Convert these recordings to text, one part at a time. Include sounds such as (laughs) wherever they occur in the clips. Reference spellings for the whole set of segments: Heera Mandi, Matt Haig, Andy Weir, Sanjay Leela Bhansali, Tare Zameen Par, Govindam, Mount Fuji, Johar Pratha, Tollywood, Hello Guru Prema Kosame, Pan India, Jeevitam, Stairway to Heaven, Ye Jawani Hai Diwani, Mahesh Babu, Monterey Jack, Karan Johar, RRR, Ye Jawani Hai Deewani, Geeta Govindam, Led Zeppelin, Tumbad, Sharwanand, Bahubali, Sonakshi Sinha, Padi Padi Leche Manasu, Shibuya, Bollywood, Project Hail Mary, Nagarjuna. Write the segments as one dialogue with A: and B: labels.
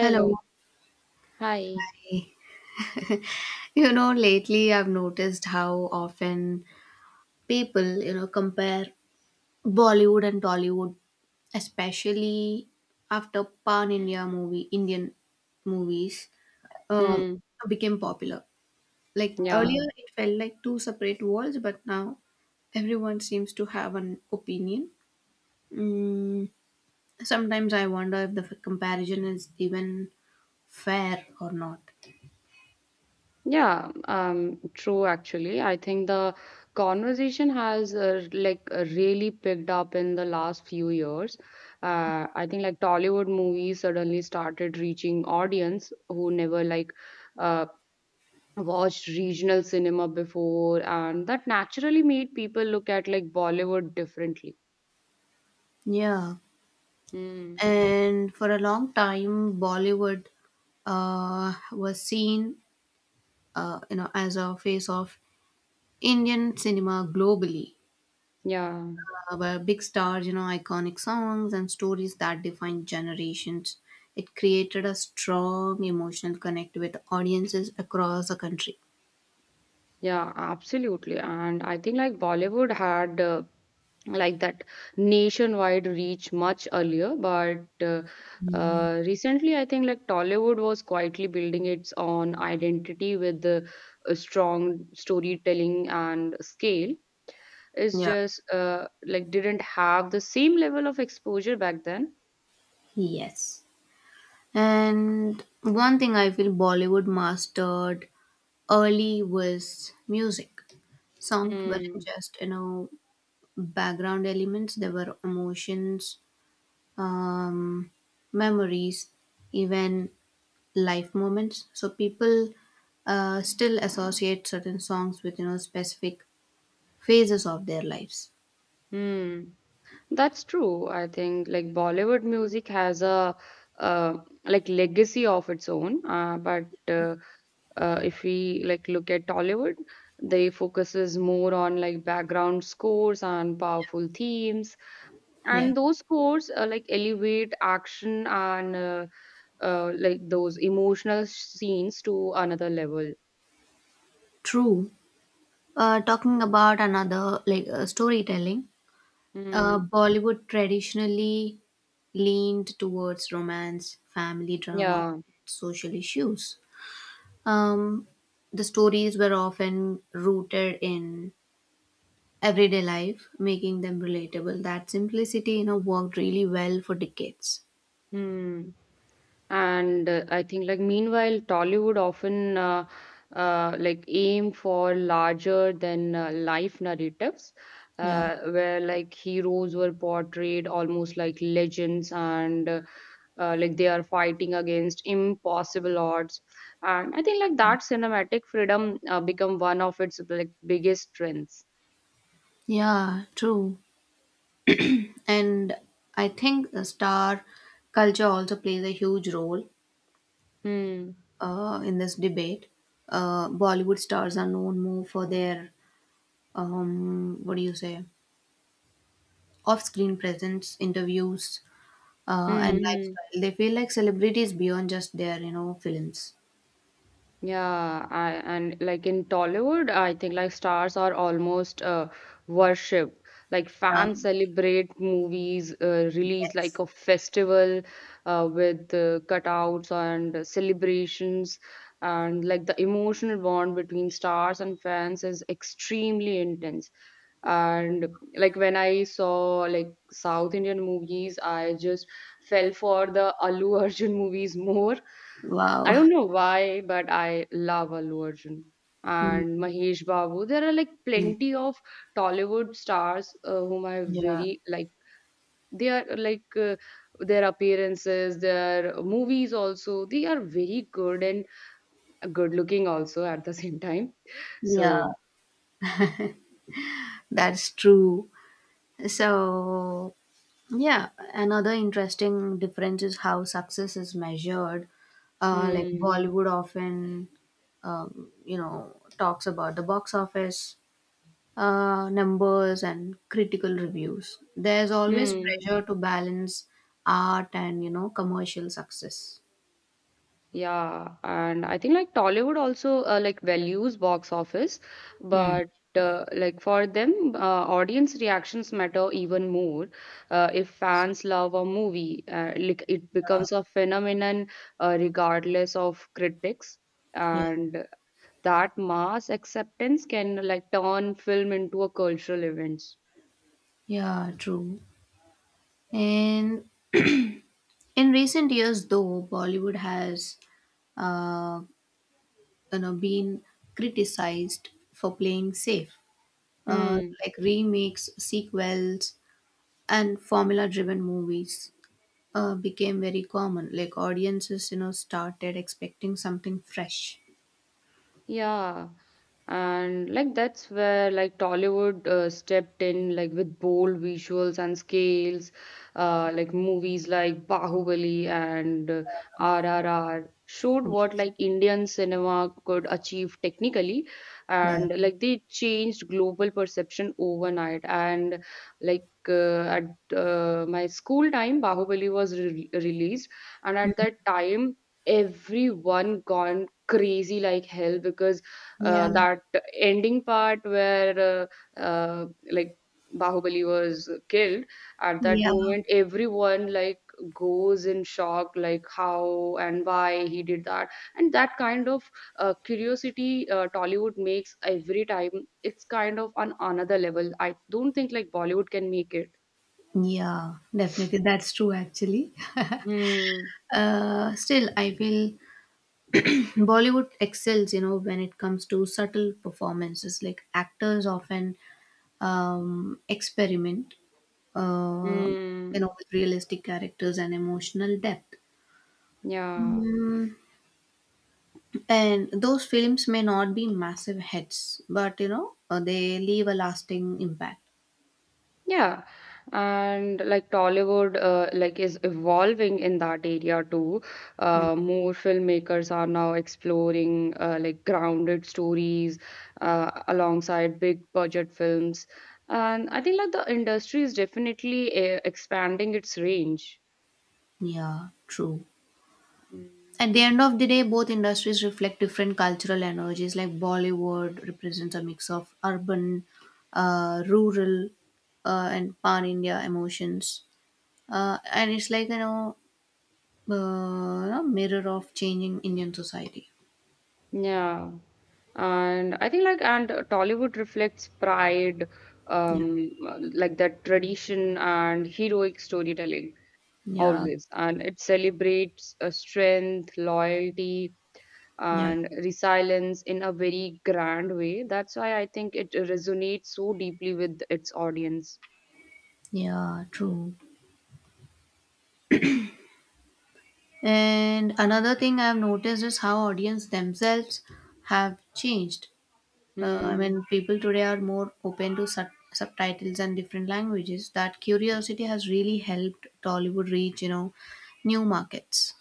A: Hello.
B: Hi.
A: Hey. Lately I've noticed how often people, compare Bollywood and Tollywood, especially after Pan India movie, Indian movies, um,
B: Hmm.
A: became popular. Like
B: Yeah.
A: earlier, it felt like two separate worlds, but now everyone seems to have an opinion. Mm, sometimes I wonder if the comparison is even fair or not.
B: Yeah. True, actually. I think the conversation has really picked up in the last few years. I think like Tollywood movies suddenly started reaching audience who never like uh, watched regional cinema before, and that naturally made people look at like Bollywood differently.
A: Yeah.
B: Hmm.
A: And for a long time, Bollywood was seen, as a face of Indian cinema globally,
B: Yeah.
A: where big stars, iconic songs and stories that define generations. It created a strong emotional connect with audiences across the country.
B: Yeah, absolutely. And I think like Bollywood had like that nationwide reach much earlier, but recently I think like Tollywood was quietly building its own identity with the strong storytelling and scale. It's
A: Yeah.
B: just like didn't have the same level of exposure back then.
A: Yes, and one thing I feel Bollywood mastered early was music. Songs weren't
B: Hmm.
A: just, background elements. There were emotions, um, memories, even life moments, so people still associate certain songs with, specific phases of their lives.
B: Hmm. That's true. I think like Bollywood music has a uh, legacy of its own, but if we like look at Tollywood, they focuses more on like background scores and powerful themes,
A: Yeah,
B: and those scores like elevate action and like those emotional scenes to another level.
A: true. Talking about another, storytelling,
B: Mm,
A: Bollywood traditionally leaned towards romance, family drama,
B: yeah.
A: social issues. um, the stories were often rooted in everyday life, making them relatable. That simplicity, worked really well for decades.
B: Hmm. And I think like meanwhile, Tollywood often like aim for larger than life narratives,
A: Yeah.
B: where like heroes were portrayed almost like legends and like they are fighting against impossible odds. And I think like that cinematic freedom become one of its like biggest strengths.
A: Yeah, true. And I think the star culture also plays a huge role
B: Hmm.
A: in this debate. Bollywood stars are known more for their, what do you say, off screen presence, interviews,
B: Hmm.
A: and
B: Hmm.
A: lifestyle. They feel like celebrities beyond just their, films.
B: Yeah, I and like in Tollywood, I think like stars are almost worship. Like fans
A: Um,
B: celebrate movies release like
A: yes.
B: a festival with cutouts and celebrations and like the emotional bond between stars and fans is extremely intense. And like when I saw like South Indian movies, I just fell for the Allu Arjun (laughs) movies more. I
A: Wow.
B: don't
A: (laughs)
B: know why, but I love Allu Arjun
A: Mm,
B: and Mahesh Babu. There are like
A: mm.
B: plenty of Tollywood stars whom I
A: Yeah.
B: very like. They are like their appearances, their movies also. They are very good and good looking also at the (laughs) same time.
A: Yeah,
B: So,
A: that's true. So, yeah, another interesting difference is how success is measured. Like
B: hmm,
A: Bollywood often, talks about the box office numbers and critical reviews. There's always
B: hmm.
A: pressure to balance art and, commercial success.
B: Yeah, and I think like Tollywood also like values box office,
A: Hmm.
B: but like for them, audience reactions matter even more. If fans love a movie, like it becomes a phenomenon regardless of critics,
A: Yeah,
B: and that mass acceptance can like turn film into a cultural event.
A: yeah, true. And in recent years, though, Bollywood has uh, been criticized for playing safe,
B: Hmm.
A: like remakes, sequels and formula driven movies became very common. Like audiences, started expecting something fresh.
B: Yeah, and like that's where like Tollywood stepped in like with bold visuals and scales, like movies like Bahubali and RRR showed what like Indian cinema could achieve technically,
A: yeah
B: and like they changed global perception overnight. And like at my school time, Bahubali was re released, and at that time everyone gone crazy like hell because
A: yeah
B: that ending part where like Bahubali was killed at that
A: yeah
B: moment everyone like goes in shock like how and why he did that, and that kind of curiosity Tollywood makes every time. It's kind of on another level. I don't think like Bollywood can make it.
A: yeah, definitely, that's true actually.
B: Hmm.
A: Still I feel (clears throat) Bollywood excels, when it comes to subtle performances. Like actors often experiment, uh,
B: Hmm.
A: with realistic characters and emotional depth.
B: Yeah.
A: Mm, and those films may not be massive hits, but, they leave a lasting impact.
B: Yeah, and like Tollywood, like is evolving in that area too.
A: Yeah.
B: More filmmakers are now exploring like grounded stories alongside big budget films, and I think like the industry is definitely expanding its range.
A: Yeah, true.
B: Mm.
A: At the end of the day, both industries reflect different cultural energies. Like Bollywood represents a mix of urban, rural, and pan India emotions. And it's like, you mirror of changing Indian society.
B: Yeah, and I think like and Tollywood reflects pride,
A: Yeah.
B: um, like that tradition and heroic storytelling.
A: Yeah,
B: Always. And it celebrates strength, loyalty,
A: yeah,
B: and resilience in a very grand way. That's why I think it resonates so deeply with its audience.
A: yeah, true. And another thing I've noticed is how audience themselves have changed. I
B: Hmm.
A: mean, people today are more open to subtitles and different languages. That curiosity has really helped Tollywood reach, new markets.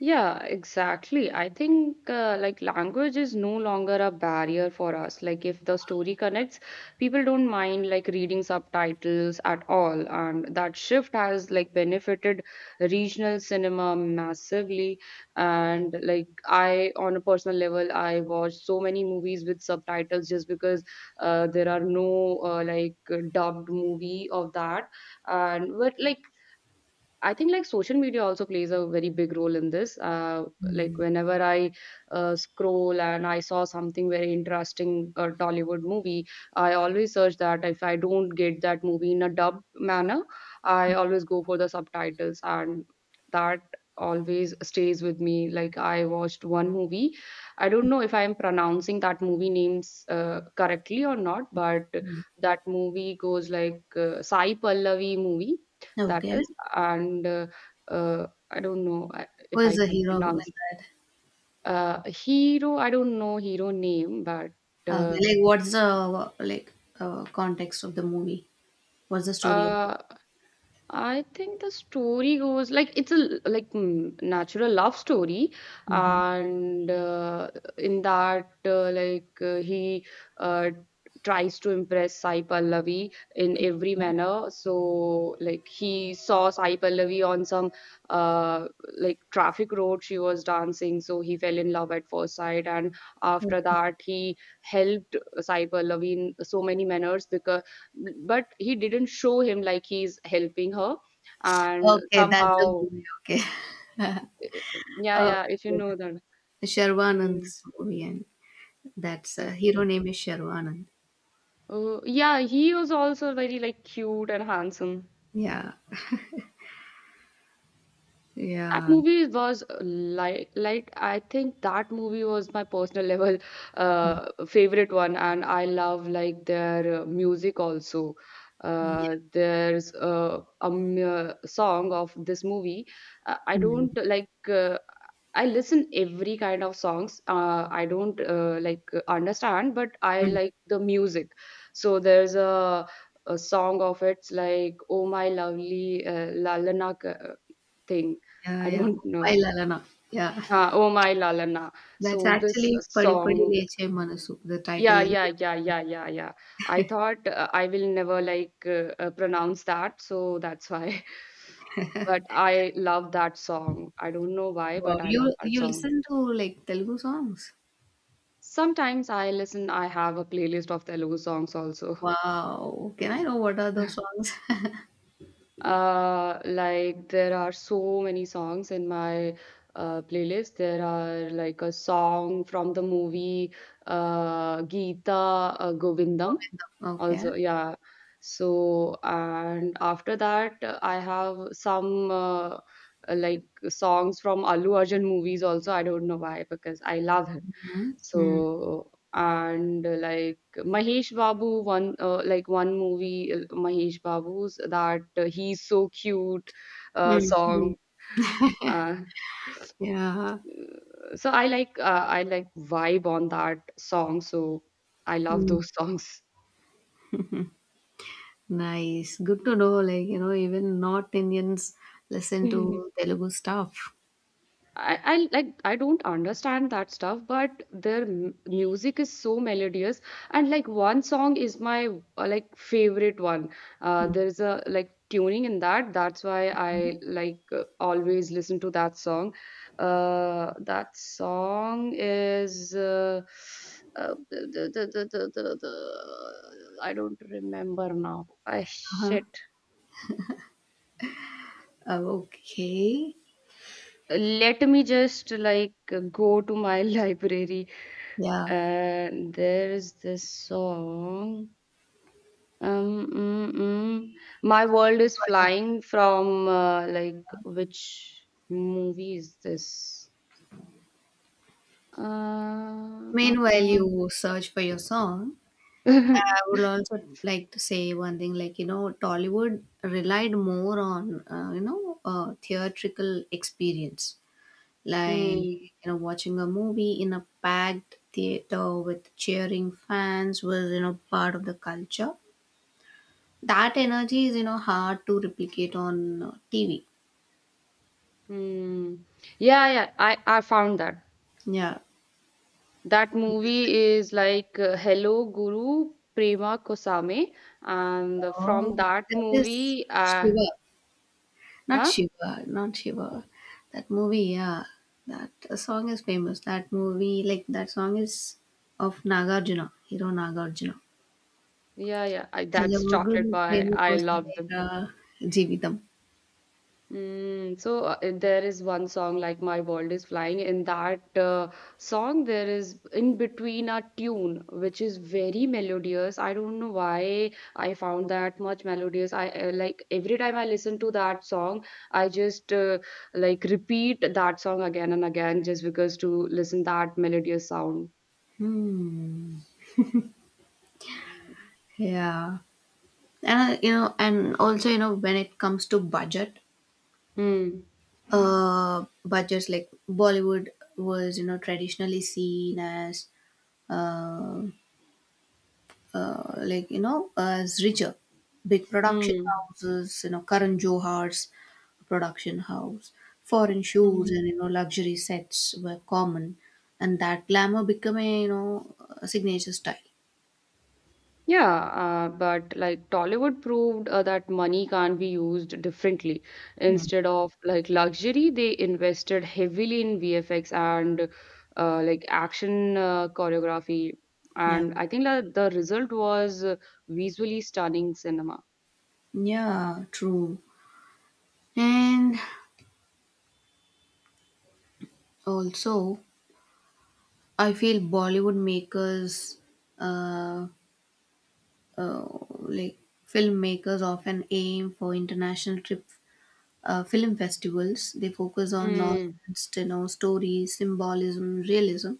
B: Yeah, exactly. I think like language is no longer a barrier for us. Like if the story connects, people don't mind like reading subtitles at all. And that shift has like benefited regional cinema massively. And like I, on a personal level, I watch so many movies with subtitles just because there are no like dubbed movie of that. And but like I think like social media also plays a very big role in this. Like whenever I scroll and I saw something very interesting, a Tollywood movie, I always search that. If I don't get that movie in a dubbed manner, I always go for the subtitles, and that always stays with me. Like I watched one movie. I don't know if I am pronouncing that movie names correctly or not, but that movie goes like Sai Pallavi movie that
A: Okay,
B: is, and I don't know
A: who
B: if
A: is
B: I
A: the
B: can
A: hero
B: pronounce
A: in that?
B: hero. I don't know hero name, but
A: Okay,
B: uh,
A: like what's the context of the movie? What's the story of it?
B: uh, I think the story goes like it's a like mm, natural love story,
A: Hmm.
B: and in that he uh, tries to impress Sai Pallavi in every manner. So like he saw Sai Pallavi on some uh, like traffic road she was dancing, so he fell in love at first sight, and after
A: Okay.
B: that he helped Sai Pallavi in so many manners because but he didn't show him like he's helping her and
A: Okay, that's the
B: somehow
A: movie. Okay. (laughs)
B: yeah
A: Okay.
B: yeah if you know that. Hmm,
A: Sharwanand's movie, and that's hero
B: okay.
A: name is Sharwanand.
B: Oh yeah, he was also very like cute and handsome.
A: Yeah.
B: That
A: Yeah.
B: movie was like I think that movie was my personal (laughs) level
A: Mm,
B: favorite one, and I love like their music also.
A: yeah.
B: There's a song of this movie. I
A: Mm,
B: don't like I listen every kind of songs. I don't understand, but I
A: mm.
B: like the music. So there's a song of it's like "Oh My Lovely Lalana," thing.
A: Yeah,
B: I
A: yeah.
B: don't
A: "Oompai
B: know.
A: Lalana." Yeah.
B: Oh my Lalana.
A: That's
B: So this
A: actually "Padi Padi
B: song,
A: Leche Manasu," the title
B: yeah,
A: is.
B: yeah, yeah, yeah, yeah, yeah. I thought I will never like pronounce that, so that's why. (laughs) But I love that song. I don't know why,
A: Wow.
B: but I love
A: You
B: that
A: you
B: song.
A: listen to like Telugu songs?
B: Sometimes I listen, I have a playlist of Telugu songs also.
A: Wow. Can I know what are those songs? (laughs)
B: Like there are so many songs in my playlist. There are like a song from the movie Geeta Govindam.
A: Govindam. Okay.
B: Also, yeah. So, and after that, I have some like songs from Allu Arjun movies also. I don't know why, because I love him.
A: Mm.
B: So and like Mahesh Babu one like one movie Mahesh Babu's that he's so cute
A: Mm, mm.
B: song uh,
A: Yeah.
B: so I like vibe on that song so I love
A: Mm.
B: those songs.
A: Nice. Good to know, like, even not Indians listen to
B: (laughs)
A: Telugu stuff.
B: I like I don't understand that stuff, but their music is so melodious, and like one song is my like favorite one. There's a like tuning in that. That's why I like always listen to that song. That song is the I don't remember now. I
A: Uh-huh.
B: shit.
A: Okay.
B: Let me just like go to my (laughs) library.
A: Yeah.
B: And there is this song. Mm, mm. My World is
A: Meanwhile,
B: Flying from like which movie is this? Uh, uh,
A: meanwhile,
B: uh.
A: you search for your song. I
B: (laughs)
A: would also like to say one thing, like, Tollywood relied more on, theatrical experience, like,
B: Hmm.
A: watching a movie in a packed theater with cheering fans was, part of the culture. That energy is, hard to replicate on TV.
B: Hmm. Yeah, yeah, I found that.
A: Yeah.
B: That
A: Because-
B: movie is like Hello Guru Prema Kosame, and
A: Oh,
B: from that
A: that is
B: movie,
A: Shiva. Not
B: huh?
A: Shiva, not Shiva. That movie, yeah. That song is famous. That movie, like that song is of Nagarjuna, hero Nagarjuna.
B: Yeah, yeah, I, that's
A: Hello,
B: Chocolate
A: good
B: Boy.
A: famous
B: I love them.
A: Jeevitam.
B: Mm, so there is one song like My World is Flying. In that song, there is in between a tune which is very melodious. I don't know why I found that much melodious. I like every time I listen to that song, I just like repeat that song again and again just because to listen that melodious sound.
A: Hmm. Yeah. And, and also, when it comes to budget,
B: Mm.
A: uh, but just like Bollywood was, traditionally seen as, uh, as richer, big production
B: Mm,
A: houses, Karan Johar's production house, foreign
B: mm,
A: shoes,
B: mm.
A: and, luxury sets were common, and that glamour became a, a signature style.
B: Yeah, but like Tollywood proved that money can be used differently.
A: Mm.
B: Instead of like luxury, they invested heavily in VFX and like action choreography.
A: Yeah,
B: And I think that the result was visually stunning cinema.
A: yeah, true. And also, I feel Bollywood makers. Uh, uh, like Filmmakers often aim for international trip film festivals. They focus on nonsense, stories, symbolism, realism.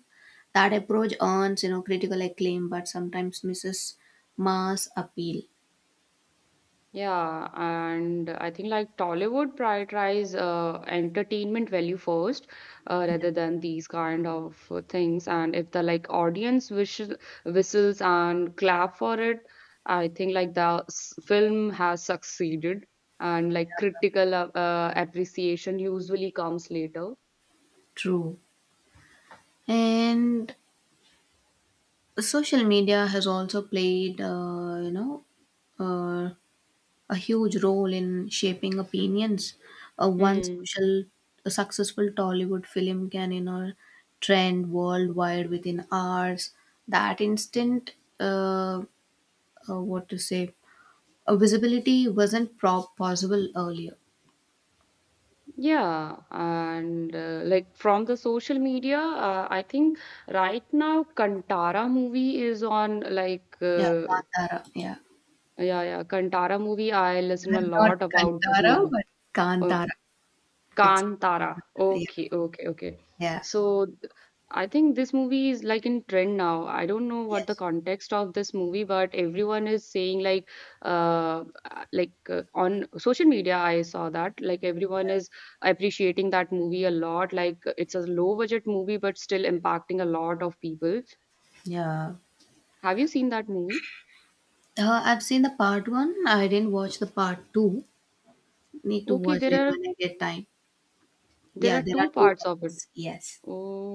A: That approach earns, critical acclaim, but sometimes misses mass appeal.
B: Yeah, and I think like Tollywood prioritize entertainment value first rather than these kind of things. And if the like audience whistle, whistles and clap for it, I think like the film has succeeded. And like critical appreciation usually comes later.
A: True, and social media has also played, uh. a huge role in shaping opinions. A one
B: Hmm.
A: social A successful Tollywood film can, trend worldwide within hours. That instant, uh, what to say, a visibility wasn't prop possible earlier.
B: Yeah, and like from the social media, I think right now Kantara movie is on like
A: Yeah, Kantara. Yeah,
B: yeah, yeah. Kantara movie, I listen a
A: I'm not
B: lot about this
A: Kantara,
B: movie.
A: but
B: Uh,
A: Kantara. It's
B: Kantara.
A: yeah,
B: Okay, okay, okay.
A: yeah,
B: So th- I think this movie is like in trend now. I don't know what the
A: yes.
B: context of this movie, but everyone is saying uh, like on social media, I saw that like everyone is appreciating that movie a lot. Like it's a low budget movie, but still impacting a lot of people.
A: Yeah.
B: Have you seen that movie?
A: I've seen the part one. I didn't watch the part two. Need to
B: Okay,
A: watch later when I get time.
B: there
A: Yeah,
B: are
A: there are
B: two
A: two
B: parts of it.
A: parts. Yes.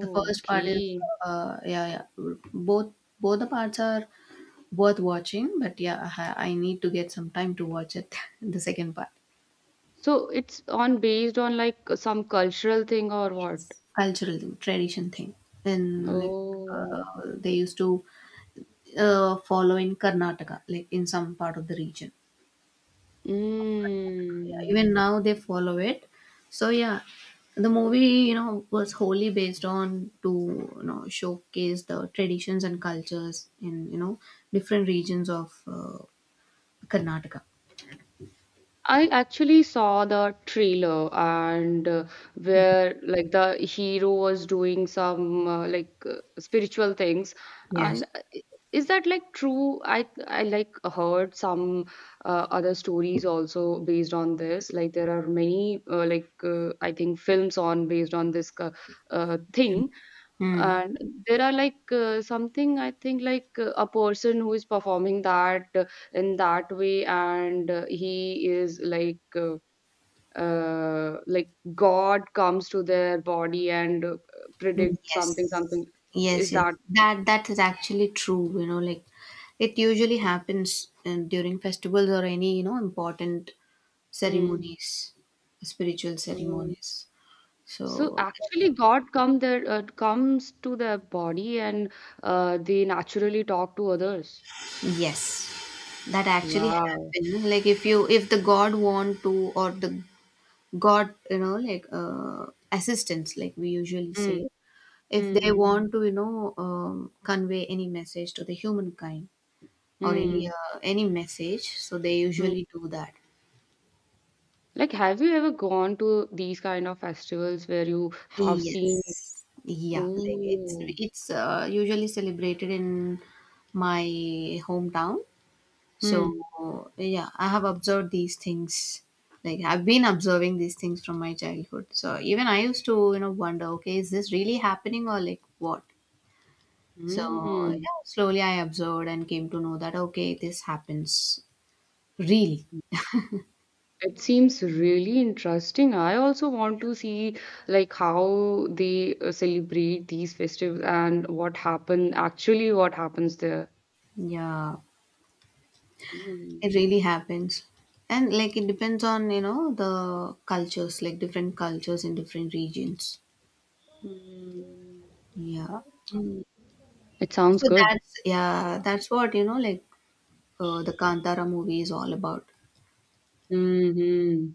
A: The first part is
B: okay.
A: yeah, yeah. Both the parts are worth watching, but yeah, I need to get some time to watch it. (laughs) The second part.
B: So it's on based on like some cultural thing or what?
A: Cultural thing, tradition thing. And like
B: Oh,
A: they used to follow in Karnataka, like in some part of the region. Yeah,
B: mm.
A: even now they follow it, so yeah, the movie, was wholly based on to, showcase the traditions and cultures in, different regions of Karnataka.
B: I actually saw the trailer and where like the hero was doing some spiritual things.
A: Yes.
B: And is that like true? I like heard some other stories also based on this. Like there are many I think films on based on this thing.
A: Mm.
B: And there are like something I think a person who is performing that in that way, and he is like God comes to their body and
A: Mm,
B: predict
A: yes,
B: something. Something
A: yes,
B: is
A: yes,
B: that.
A: that that is actually true, like it usually happens during festivals or any, important
B: Mm,
A: ceremonies, spiritual
B: mm.
A: ceremonies,
B: So
A: so
B: actually, God come there comes to their body, and they naturally talk to others.
A: yes, that actually
B: Wow.
A: happened. Like if you, if the god want to, or the god, assistants, like we usually
B: Mm,
A: say, if they
B: mm,
A: want to, convey any message to the humankind or
B: mm,
A: any message, so they
B: mm,
A: usually do that.
B: Like, have you ever gone to these kind of festivals where you have seen?
A: Yes. Yeah, like it's
B: Oh,
A: it's uh, usually celebrated in my hometown.
B: hmm,
A: So yeah, I have observed these things. Like I've been observing these things from my childhood. So even I used to, wonder, okay, is this really happening or like what? So
B: hmm.
A: yeah, slowly I observed and came to know that okay, this happens really.
B: It seems really interesting. I also want to see like how they celebrate these festivals and what happens there.
A: Yeah,
B: Hmm.
A: it really happens. And like it depends on, the cultures, like different cultures in different regions.
B: Hmm.
A: Yeah.
B: Hmm. It sounds
A: So
B: good.
A: that's yeah, that's what, the Kantara movie is all about.
B: Hmm.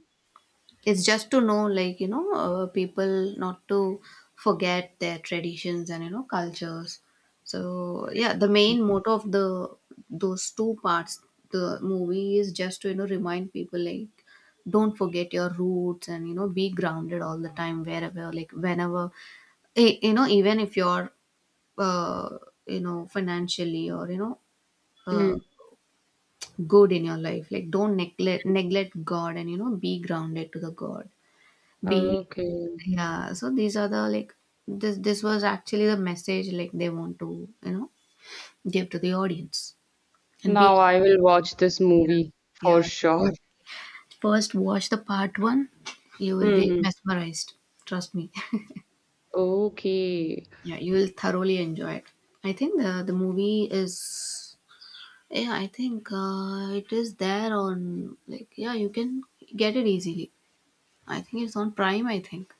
A: It's just to know, like, people not to forget their traditions and, cultures. So, yeah, the main motto of the those two parts, the movie is just to, remind people, like, don't forget your roots and, be grounded all the time, wherever, like, whenever, eh, even if you're, uh, you know, financially or, uh,
B: Hmm.
A: good in your life, like, don't neglect God and, be grounded to the God be
B: Okay.
A: yeah, so these are the like, this was actually the message, like they want to, give to the audience and be
B: Now I will watch this
A: yeah
B: movie for
A: yeah.
B: sure.
A: But first watch the part one, you will be
B: Mhm.
A: mesmerized. Trust me. (laughs)
B: Okay,
A: Yeah, you will thoroughly enjoy it. I think the movie is yeah, I think it is there on like yeah, you can get it easily. I think it's on Prime, I think.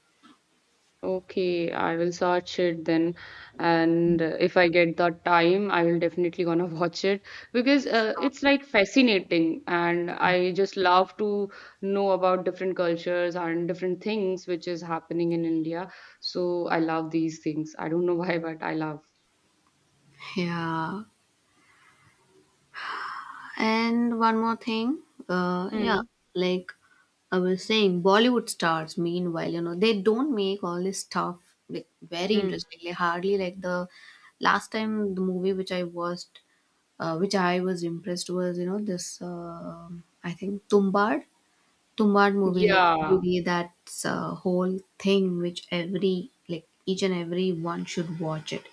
B: okay. I will search it then, and if I get the time, I will definitely gonna (laughs) watch it because it's like fascinating, and I just love to know about different cultures and different things which is happening in India. So I love these things. I don't know (laughs) why, but I love.
A: Yeah. And one more thing, uh, yeah,
B: Hmm.
A: like I was saying, Bollywood stars, meanwhile, they don't make all this stuff like very
B: Hmm.
A: interesting. Like hardly like the last time the movie which I watched, which I was impressed was, this I think Tumbad, Tumbad movie, like
B: Yeah,
A: really, that's a whole thing which every like each and every one should watch it,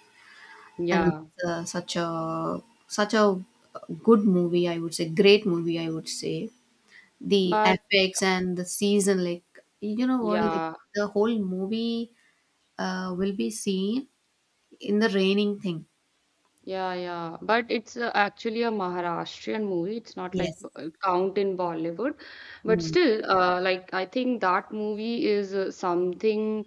A: and
B: yeah.
A: it's, such a good movie, I would say, great movie, I would say. The
B: But
A: effects and the season, like you know what, like
B: yeah.
A: the whole movie will be seen in the raining thing.
B: Yeah, yeah. But it's actually a Maharashtrian movie. It's not like
A: Yes.
B: count in Bollywood. But
A: Mm.
B: still, like I think that movie is something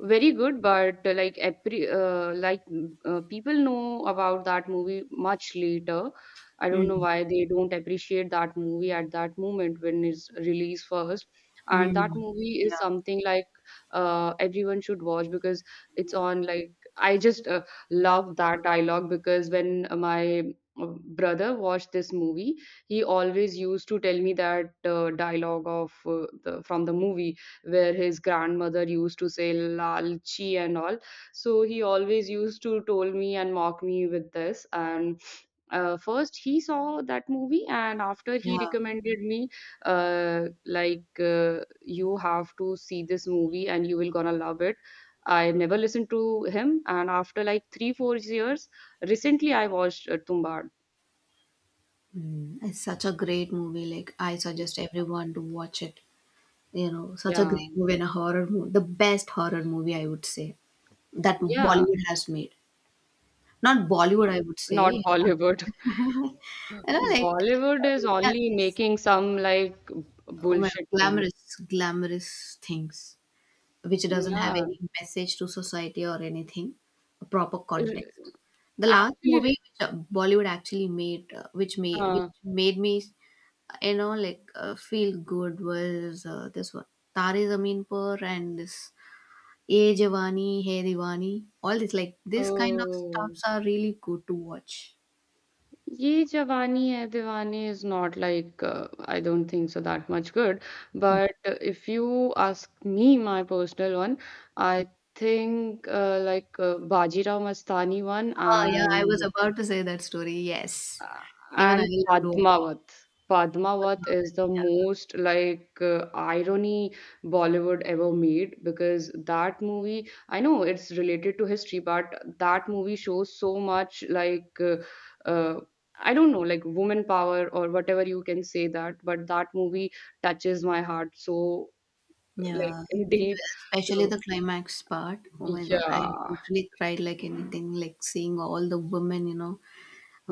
B: very good. But people know about that movie much later. I don't know
A: Mm.
B: why they don't appreciate that movie at that moment when it's released first. And that
A: Mm.
B: movie is
A: Yeah.
B: something like everyone should watch because it's on like I just love that dialogue because when my uh, brother watched this movie, he always used to tell me that dialogue of from the movie where his grandmother used to say "lal chi" and all. So he always used to told me and mock me with this and first he saw that movie and after he
A: Yeah.
B: recommended me you have to see this movie and you will gonna love it. I never listened to him and after like 3 4 years recently I watched tumbad.
A: Mm. It's such a great movie. Like I suggest everyone to watch it. You know, such a
B: Yeah,
A: great movie, and a horror movie. The best horror movie I would say that
B: yeah.
A: Bollywood has made. Not Bollywood,
B: No,
A: I would
B: not
A: say.
B: bollywood. (laughs)
A: You know, like,
B: Bollywood is
A: yeah,
B: only
A: these
B: making some like
A: well,
B: bullshit things.
A: glamorous things which doesn't have
B: Yeah.
A: any message to society or anything, a proper
B: r-
A: context. The last movie
B: Actually,
A: which Bollywood actually made,
B: uh,
A: which made me, feel good, was this one, Tare Zameen Par, and this Ye Jawani Hai Diwani. All this, like, this kind of
B: oh,
A: stuffs are really good to watch.
B: "Ye Jawani Hai Deewane" is not like I don't think so that much good. But if you ask me my personal one, I think Bajirao Mastani one
A: Oh, yeah, I was about to say that story. Yes.
B: uh,
A: Even I
B: and
A: loved watching.
B: Padmavat.
A: But
B: Padmavat is
A: not.
B: the most like irony Bollywood ever made because that movie, I know it's related to history, but that movie shows so much uh, I don't know, like woman power or whatever you can say that, but that movie touches my heart so like
A: Yeah.
B: in deep.
A: Especially
B: So
A: the climax part. Oh my God. I
B: yeah,
A: literally cried like anything, like seeing all the women, you know,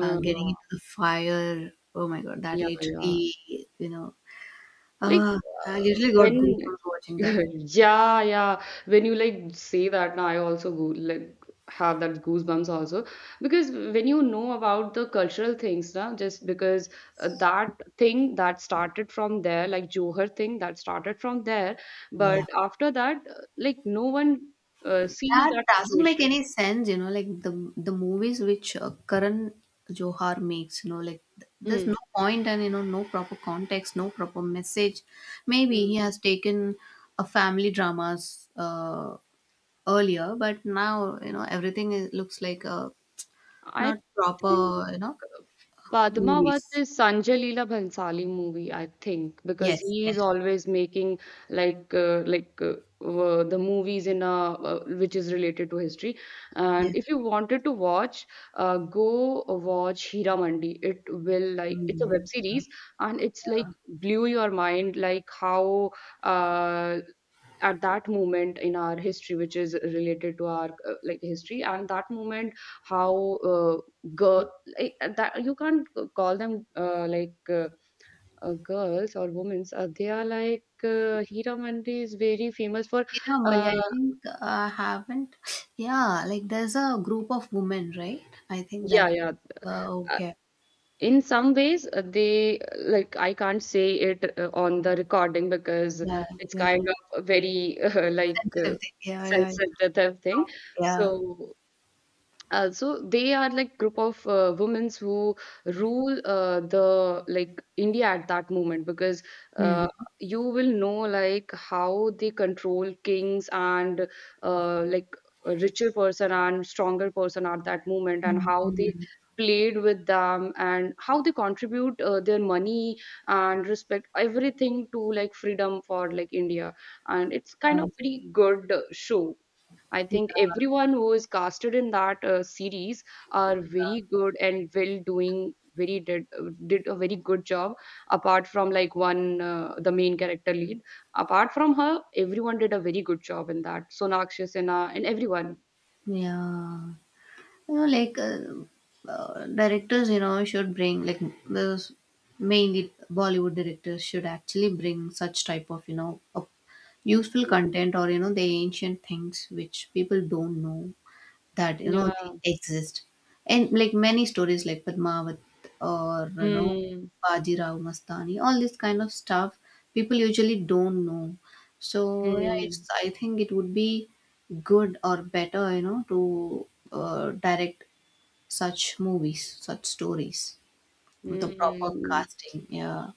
A: uh, getting into the fire. Oh my God. That
B: yeah, yeah.
A: literally, you know,
B: Like
A: uh, I literally got
B: when
A: goosebumps
B: (laughs)
A: watching that.
B: yeah, yeah, when you like say that now I also go like have that goosebumps also because when you know about the cultural things now just because that thing that started from there like Johar thing that started from there but
A: Yeah.
B: after that like no one sees
A: That
B: that
A: doesn't make
B: situation.
A: any sense, like the movies which Karan Johar makes, like there's no
B: Mm.
A: point and, no proper context, no proper message. Maybe he
B: Mm.
A: has taken a family dramas earlier, but now, everything is, looks like a
B: I
A: not proper,
B: think Padmavat
A: movies.
B: is Sanjay Leela Bhansali movie, I think, because
A: Yes,
B: he is
A: yes,
B: always making like uh, like uh, the movies in a which is related to history.
A: yes.
B: And if you wanted to watch, go watch Heera Mandi. It will like it's a web
A: Mm,
B: series and it's like
A: yeah.
B: blew your mind like how uh, at that moment in our history which is related to our like history and that moment how girl like, that you can't call them girls or women they are like Hira Mandi is very famous for
A: Yeah,
B: uh,
A: Monday. I think I haven't. Yeah, like there's a group of women, right? I think
B: yeah,
A: that.
B: yeah. uh,
A: Okay.
B: in some ways they like I can't say it on the recording because
A: Yeah,
B: it's
A: yeah.
B: kind of a very (laughs)
A: Sensitive thing. Yeah, yeah,
B: sensitive thing.
A: yeah.
B: So so they are like group of women who rule the like India at that moment because uh,
A: Mm-hmm.
B: you will know like how they control kings and like a richer person and stronger person at that moment and how they
A: Mm-hmm.
B: played with them and how they contribute their money and respect everything to like freedom for like India and it's kind
A: Uh,
B: of very good show. I
A: yeah.
B: think everyone who is casted in that series are very good and well doing. Very did a very good job. Apart from like one the main character lead, apart from her, everyone did a very good job in that. Sonakshi Sinha and everyone.
A: Yeah. You know, like directors, should bring like those, mainly Bollywood directors should actually bring such type of, a useful
B: Mm.
A: content or, the ancient things which people don't know that, they
B: Yeah.
A: exist, and like many stories like Padmavat or,
B: Mm.
A: Bajirao Mastani, all this kind of stuff people usually don't know. So yeah,
B: Mm.
A: it's, I think it would be good or better, to direct such movies, such stories, with the proper
B: Mm.
A: casting. Yeah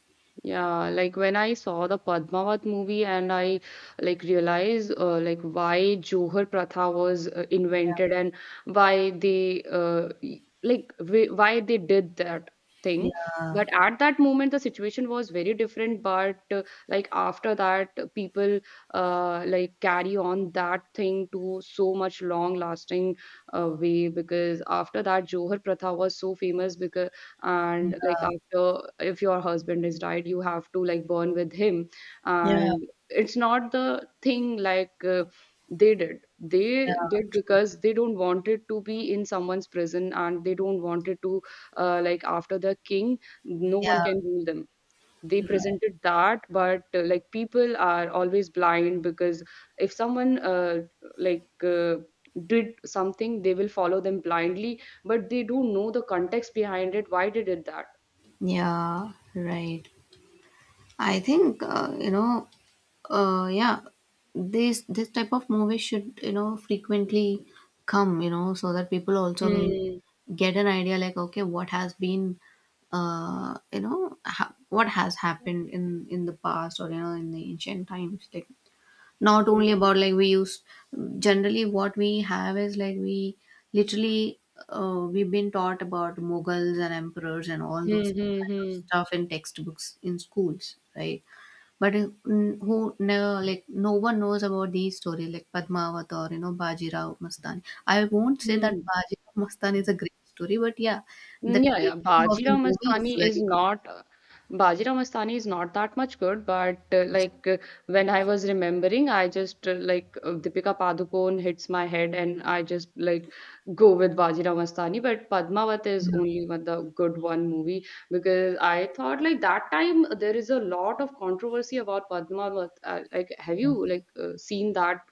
B: Yeah, like when I saw the Padmavat movie and I like realized like why Johar Pratha was invented and why they why they did that
A: yeah
B: thing.
A: yeah
B: But at that moment, the situation was very different. But like after that, people like carry on that thing to so much long lasting way because after that, Johar Pratha was so famous because and like
A: yeah
B: after if your husband is died you have to like burn with him.
A: yeah yeah
B: And it's not the thing like they did because they don't want it to be in someone's prison and they don't want it to like after the king no one
A: yeah,
B: can rule them. They presented that but like people are always blind because if someone like uh, did something they will follow them blindly but they don't know the context behind it why did it that.
A: yeah right. I think uh yeah this this type of movie should, frequently come, so that people also will
B: Hmm.
A: get an idea like okay, what has been what has happened in the past, or, in the ancient times, like not only
B: Hmm.
A: about like we use generally what we have is like we literally we've been taught about Mughals and emperors and all those
B: Hmm. Hmm.
A: kind of
B: Hmm.
A: stuff in textbooks, in schools, right? But n- who no, like no one knows about these stories like Padmavat or, Bajirao Mastani. I won't say that
B: Hmm.
A: Bajirao Mastani is a great story, but yeah, the
B: Mm. Yeah, yeah.
A: taking of the movie is very good.
B: Bajirao Mastani is not that much good, but when I was remembering, I just like Deepika Padukone hits my head, and I just like go with Bajirao Mastani. But Padmavat is
A: Yeah,
B: only one the good one movie because I thought like that time there is a lot of controversy about Padmavat. Like, have you
A: yes.
B: seen that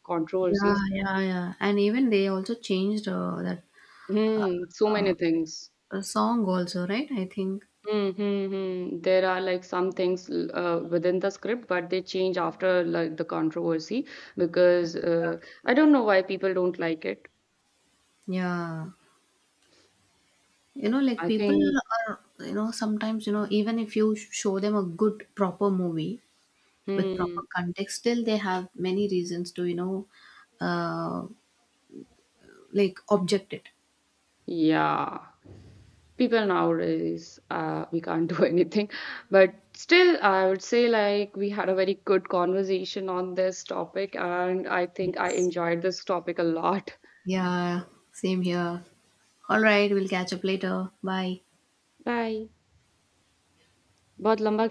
A: Yeah,
B: controversies?
A: yeah, yeah. And even they also changed that
B: Hmm, so many things.
A: song also, right? I think
B: Mhm, mhm. There are like some things within the script, but they change after like the controversy because I don't know why people don't like it.
A: yeah. You know, like
B: I
A: people
B: think,
A: are, even if you show them a good, proper movie with proper
B: hmm,
A: context, still they have many reasons to, uh, like objected.
B: yeah, people nowadays we can't (laughs) do anything. But still, I would say like we had a very good conversation on this topic, and I think I
A: Yes.
B: enjoyed this topic a lot.
A: Yeah, same here. All right, we'll catch up later. Bye.
B: Bye. बहुत लंबा